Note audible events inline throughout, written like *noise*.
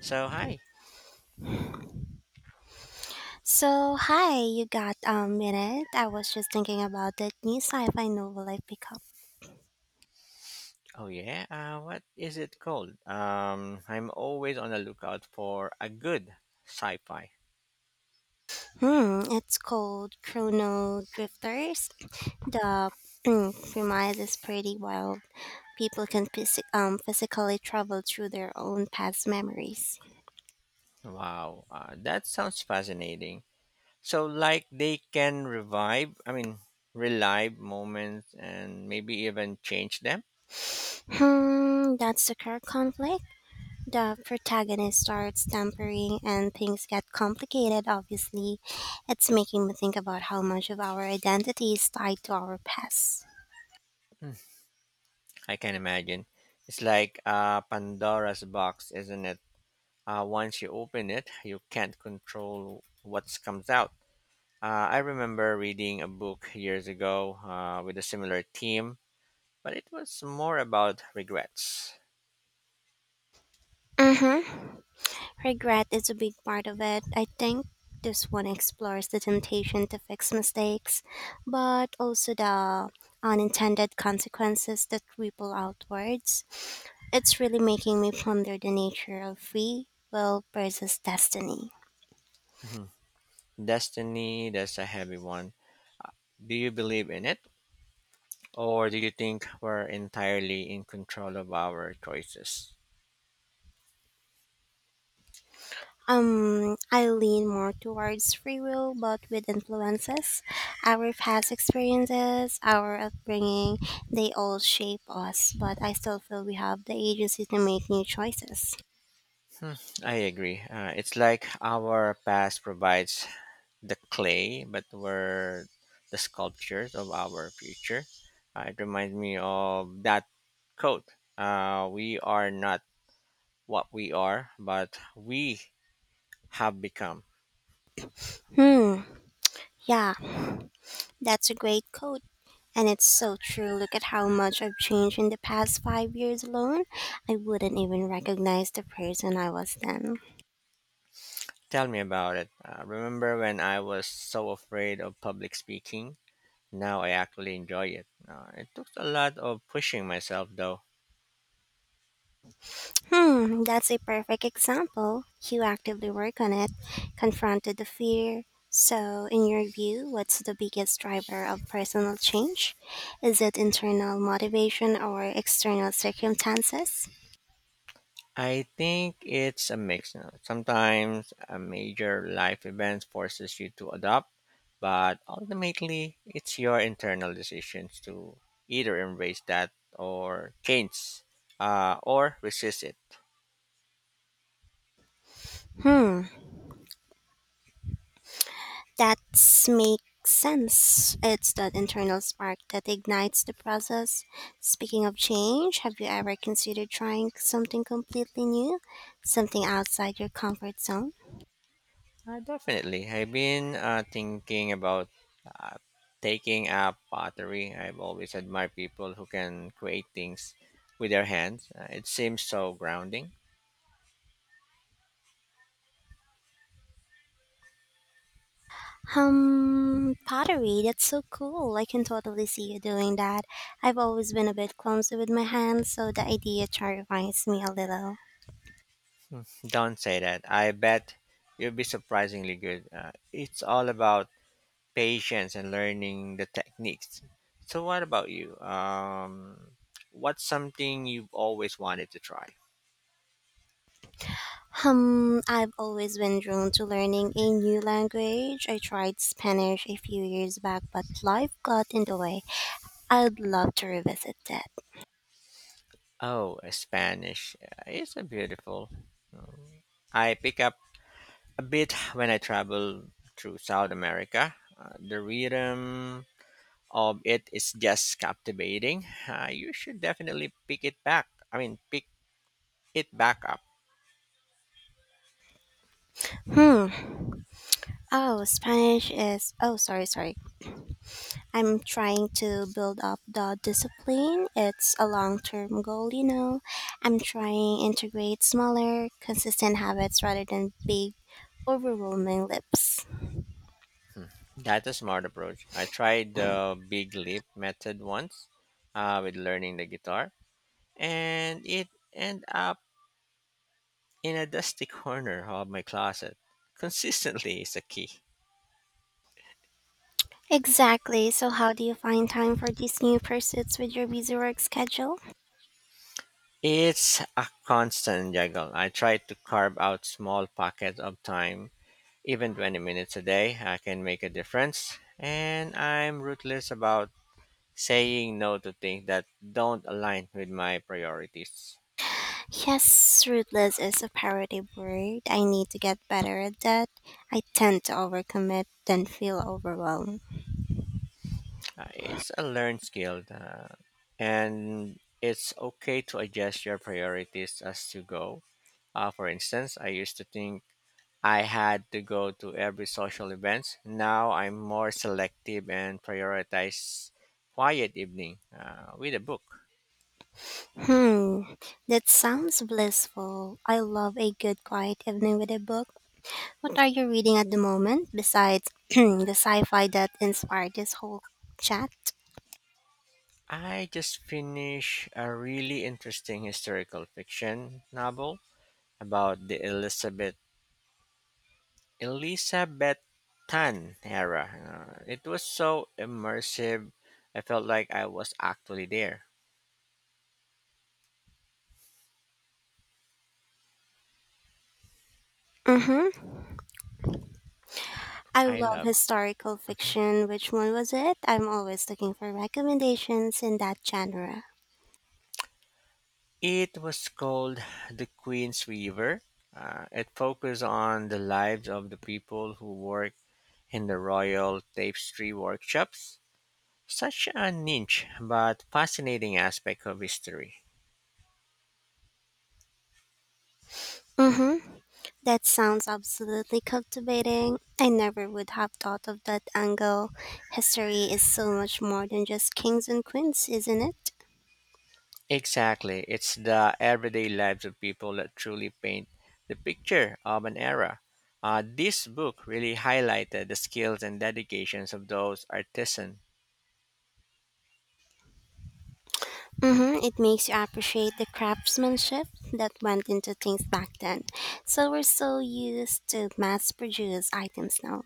So hi. So, hi, you got a minute? I was just thinking about that new sci-fi novel I picked up. Oh yeah. What is it called? I'm always on the lookout for a good sci-fi. It's called Chrono Drifters. The premise is pretty wild. People can physically travel through their own past memories. Wow, that sounds fascinating. So like they can revive. I mean, Relive moments and maybe even change them. That's the core conflict. The protagonist starts tampering and things get complicated, obviously. It's making me think about how much of our identity is tied to our past. Mm, I can imagine. It's like Pandora's box, isn't it? Once you open it, you can't control what comes out. I remember reading a book years ago with a similar theme, but it was more about regrets. Mm-hmm. Regret is a big part of it. I think this one explores the temptation to fix mistakes, but also the unintended consequences that ripple outwards. It's really making me ponder the nature of free will versus destiny. Mhm. Destiny, that's a heavy one. Do you believe in it? Or do you think we're entirely in control of our choices? I lean more towards free will, but with influences. Our past experiences, our upbringing, they all shape us, but I still feel we have the agency to make new choices. Hmm, I agree. It's like our past provides the clay, but we're the sculptures of our future. It reminds me of that quote, we are not what we are, but we have become. Hmm, Yeah, that's a great quote. And it's so true. Look at how much I've changed in the past 5 years alone. I wouldn't even recognize the person I was then. Tell me about it. Remember when I was so afraid of public speaking? Now I actually enjoy it. It took a lot of pushing myself, though. That's a perfect example. You actively work on it, confronted the fear. So, in your view, what's the biggest driver of personal change? Is it internal motivation or external circumstances? I think it's a mix. Now, sometimes a major life event forces you to adopt, but ultimately it's your internal decisions to either embrace that or change, or resist it. Hmm, That makes sense. It's that internal spark that ignites the process. Speaking of change, have you ever considered trying something completely new? Something outside your comfort zone? Definitely. I've been thinking about, uh, taking up pottery. I've always admired people who can create things with their hands. It seems so grounding. Pottery, that's so cool. I can totally see you doing that. I've always been a bit clumsy with my hands, so the idea terrifies me a little. Hmm, don't say that. I bet you'll be surprisingly good. It's all about patience and learning the techniques. So, what about you? What's something you've always wanted to try? I've always been drawn to learning a new language. I tried Spanish a few years back, but life got in the way. I'd love to revisit that. Oh, Spanish. It's a beautiful. uh, I pick up a bit when I travel through South America. The rhythm of it is just captivating. You should definitely pick it back. I mean, pick it back up. Hmm. Oh, Spanish is. Oh, sorry, sorry. I'm trying to build up the discipline. It's, a long term goal. You know. I'm trying integrate smaller, consistent habits rather than big, overwhelming lips. That's a smart approach. I tried the big leap method once with learning the guitar, and it ended up in a dusty *laughs* corner of my closet. Consistently is a key. Exactly. So, how do you find time for these new pursuits with your busy work schedule? It's a constant juggle. I try to carve out small pockets of time. Even 20 minutes a day, I can make a difference. And I'm ruthless about saying no to things that don't align with my priorities. Yes, ruthless is a parative word. I need to get better at that. I tend to overcommit, then feel overwhelmed. It's a learned skill, and it's okay to adjust your priorities as you go. For instance, I used to think I had to go to every social event. Now I'm more selective and prioritize quiet evening with a book. Hmm, that sounds blissful. I love a good quiet evening with a book. What are you reading at the moment besides *clears throat* the sci fi that inspired this whole chat? I just finished a really interesting historical fiction novel about the Elizabethan era. It was so immersive. I felt like I was actually there. Mm-hmm. I I love love. historical Mhm. fiction. Which one was it? I'm always looking for recommendations in that genre. It was called The Queen's Weaver. It focused on the lives of the people who work in the royal tapestry workshops. Such a niche but fascinating aspect of history. Mm-hmm. That sounds absolutely captivating. I never would have thought of that angle. History is so much more than just kings and queens, isn't it? Exactly. It's the everyday lives of people that truly paint the picture of an era. This book really highlighted the skills and dedications of those artisans. Mm-hmm. It makes you appreciate the craftsmanship that went into things back then. So we're so used to mass produced items now.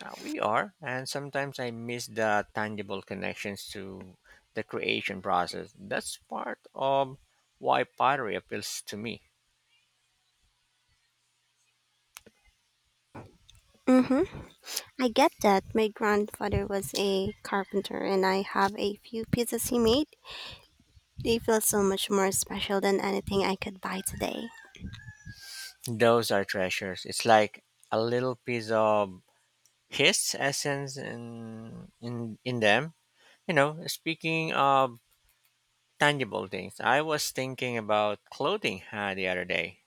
We are, and sometimes I miss the tangible connections to the creation process. That's part of why pottery appeals to me. Mm-hmm. I get that. My grandfather was a carpenter and I have a few pieces he made. They feel so much more special than anything I could buy today. Those are treasures. It's like a little piece of his essence in them. You know, speaking of tangible things, I was thinking about clothing the other day.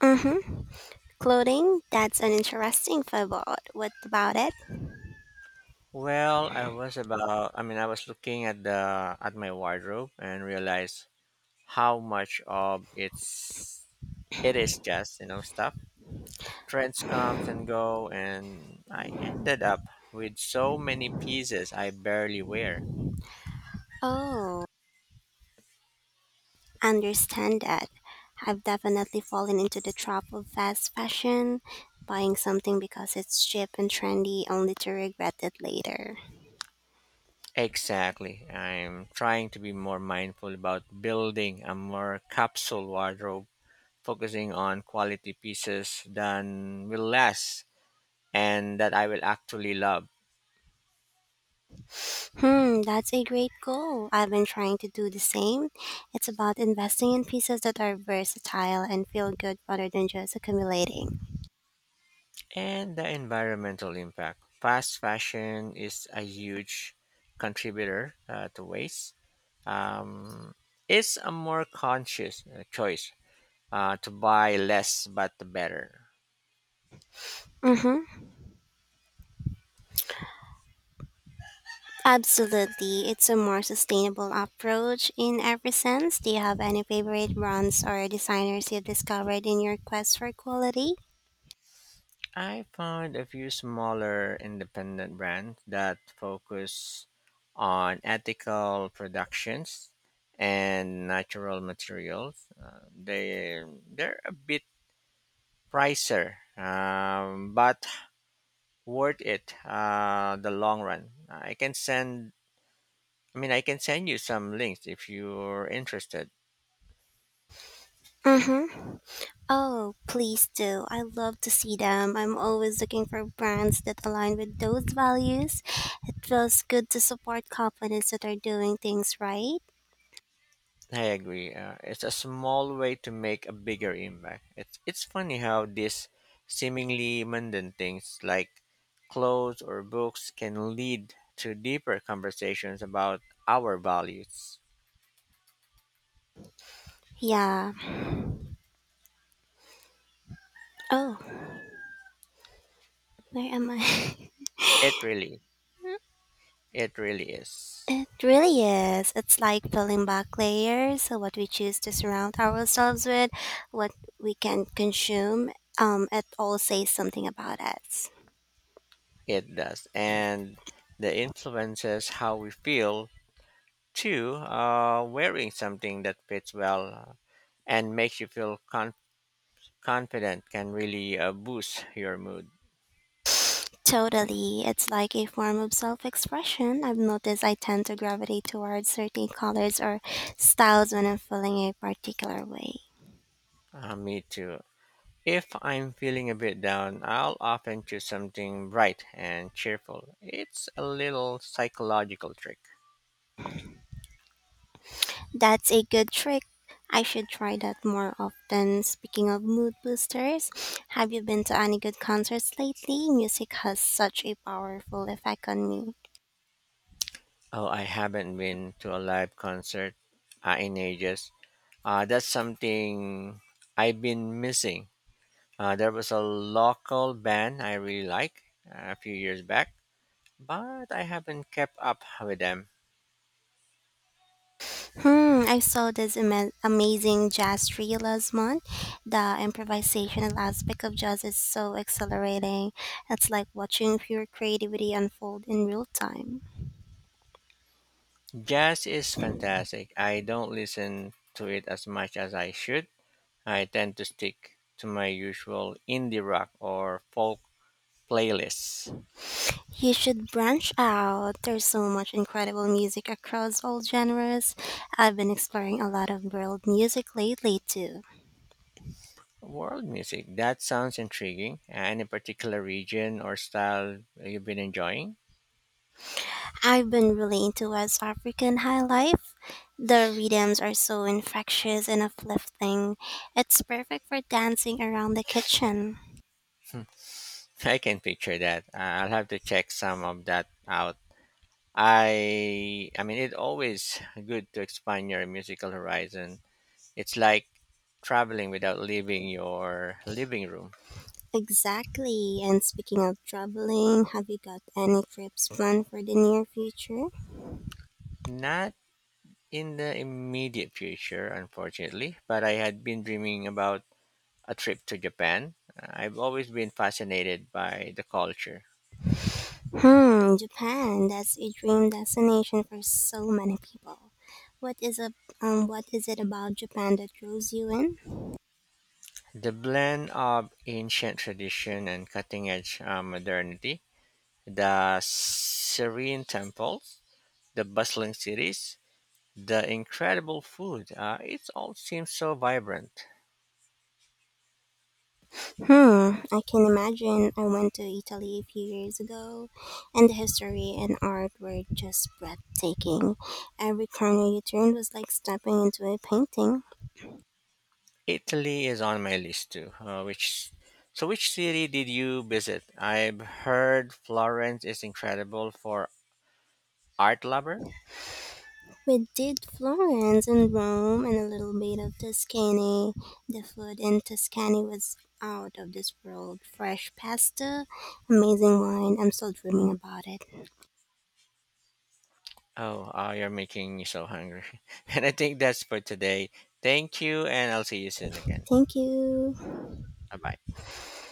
Mm-hmm. Clothing, that's an interesting fable. What about it? Well, I was about. I mean, I was looking at the at my wardrobe and realized how much of it is just stuff. Trends comes and go, and I ended up with so many pieces I barely wear. Oh, understand that. I've definitely fallen into the trap of fast fashion, buying something because it's cheap and trendy only to regret it later. Exactly. I'm trying to be more mindful about building a more capsule wardrobe, focusing on quality pieces that will last and that I will actually love. That's a great goal. I've been trying to do the same. It's about investing in pieces that are versatile and feel good rather than just accumulating. And the environmental impact. Fast fashion is a huge contributor, to waste. Um, it's a more conscious choice, to buy less but better. Mm-hmm. Absolutely. It's a more sustainable approach in every sense. Do you have any favorite brands or designers you've discovered in your quest for quality? I found a few smaller independent brands that focus on ethical productions and natural materials. They they're a bit pricier, but worth it the long run. I can send you some links if you're interested. Mm-hmm. Oh, please do. I love to see them. I'm always looking for brands that align with those values. It feels good to support companies that are doing things right. I agree. It's a small way to make a bigger impact. It's funny how these seemingly mundane things like clothes or books can lead to deeper conversations about our values. Yeah. Oh, where am I? *laughs* It really, it really is. It really is. It's like peeling back layers. So what we choose to surround ourselves with, what we can consume, it all says something about us. It does, and the influences how we feel too. Wearing something that fits well and makes you feel confident can really boost your mood. Totally. It's like a form of self expression. I've noticed I tend to gravitate towards certain colors or styles when I'm feeling a particular way. Me too. If I'm feeling a bit down, I'll often choose something bright and cheerful. It's a little psychological trick. That's a good trick. I should try that more often. Speaking of mood boosters, have you been to any good concerts lately? Music has such a powerful effect on me. Oh, I haven't been to a live concert in ages. That's something I've been missing. There was a local band I really like a few years back, but I haven't kept up with them. I saw this amazing jazz trio last month. The improvisational aspect of jazz is so exhilarating. It's like watching pure creativity unfold in real time. Jazz is fantastic. I don't listen to it as much as I should. I tend to stick to my usual indie rock or folk playlists. You should branch out. There's so much incredible music across all genres. I've been exploring a lot of world music lately too. World music, that sounds intriguing. Any particular region or style you've been enjoying? I've been really into West African high life. The rhythms are so infectious and uplifting. It's perfect for dancing around the kitchen. Hmm, I can picture that. I'll have to check some of that out. I mean it's always good to expand your musical horizon. It's like traveling without leaving your living room. Exactly. And speaking of traveling, have you got any trips planned for the near future? Not in the immediate future, unfortunately, but I had been dreaming about a trip to Japan. I've always been fascinated by the culture. Japan. That's a dream destination for so many people. What is a what is it about Japan that draws you in? The blend of ancient tradition and cutting edge modernity, the serene temples, the bustling cities, the incredible food, it all seems so vibrant. I can imagine. I went to Italy a few years ago, and the history and art were just breathtaking. Every corner you turned was like stepping into a painting. Italy is on my list too. Which so which city did you visit? I've heard Florence is incredible for art lover. We did Florence and Rome and a little bit of Tuscany. The food in Tuscany was out of this world. Fresh pasta, amazing wine. I'm still dreaming about it. Oh, ah, you're making me so hungry. *laughs* And I think that's for today. Thank you, and I'll see you soon again. Thank you. Bye bye.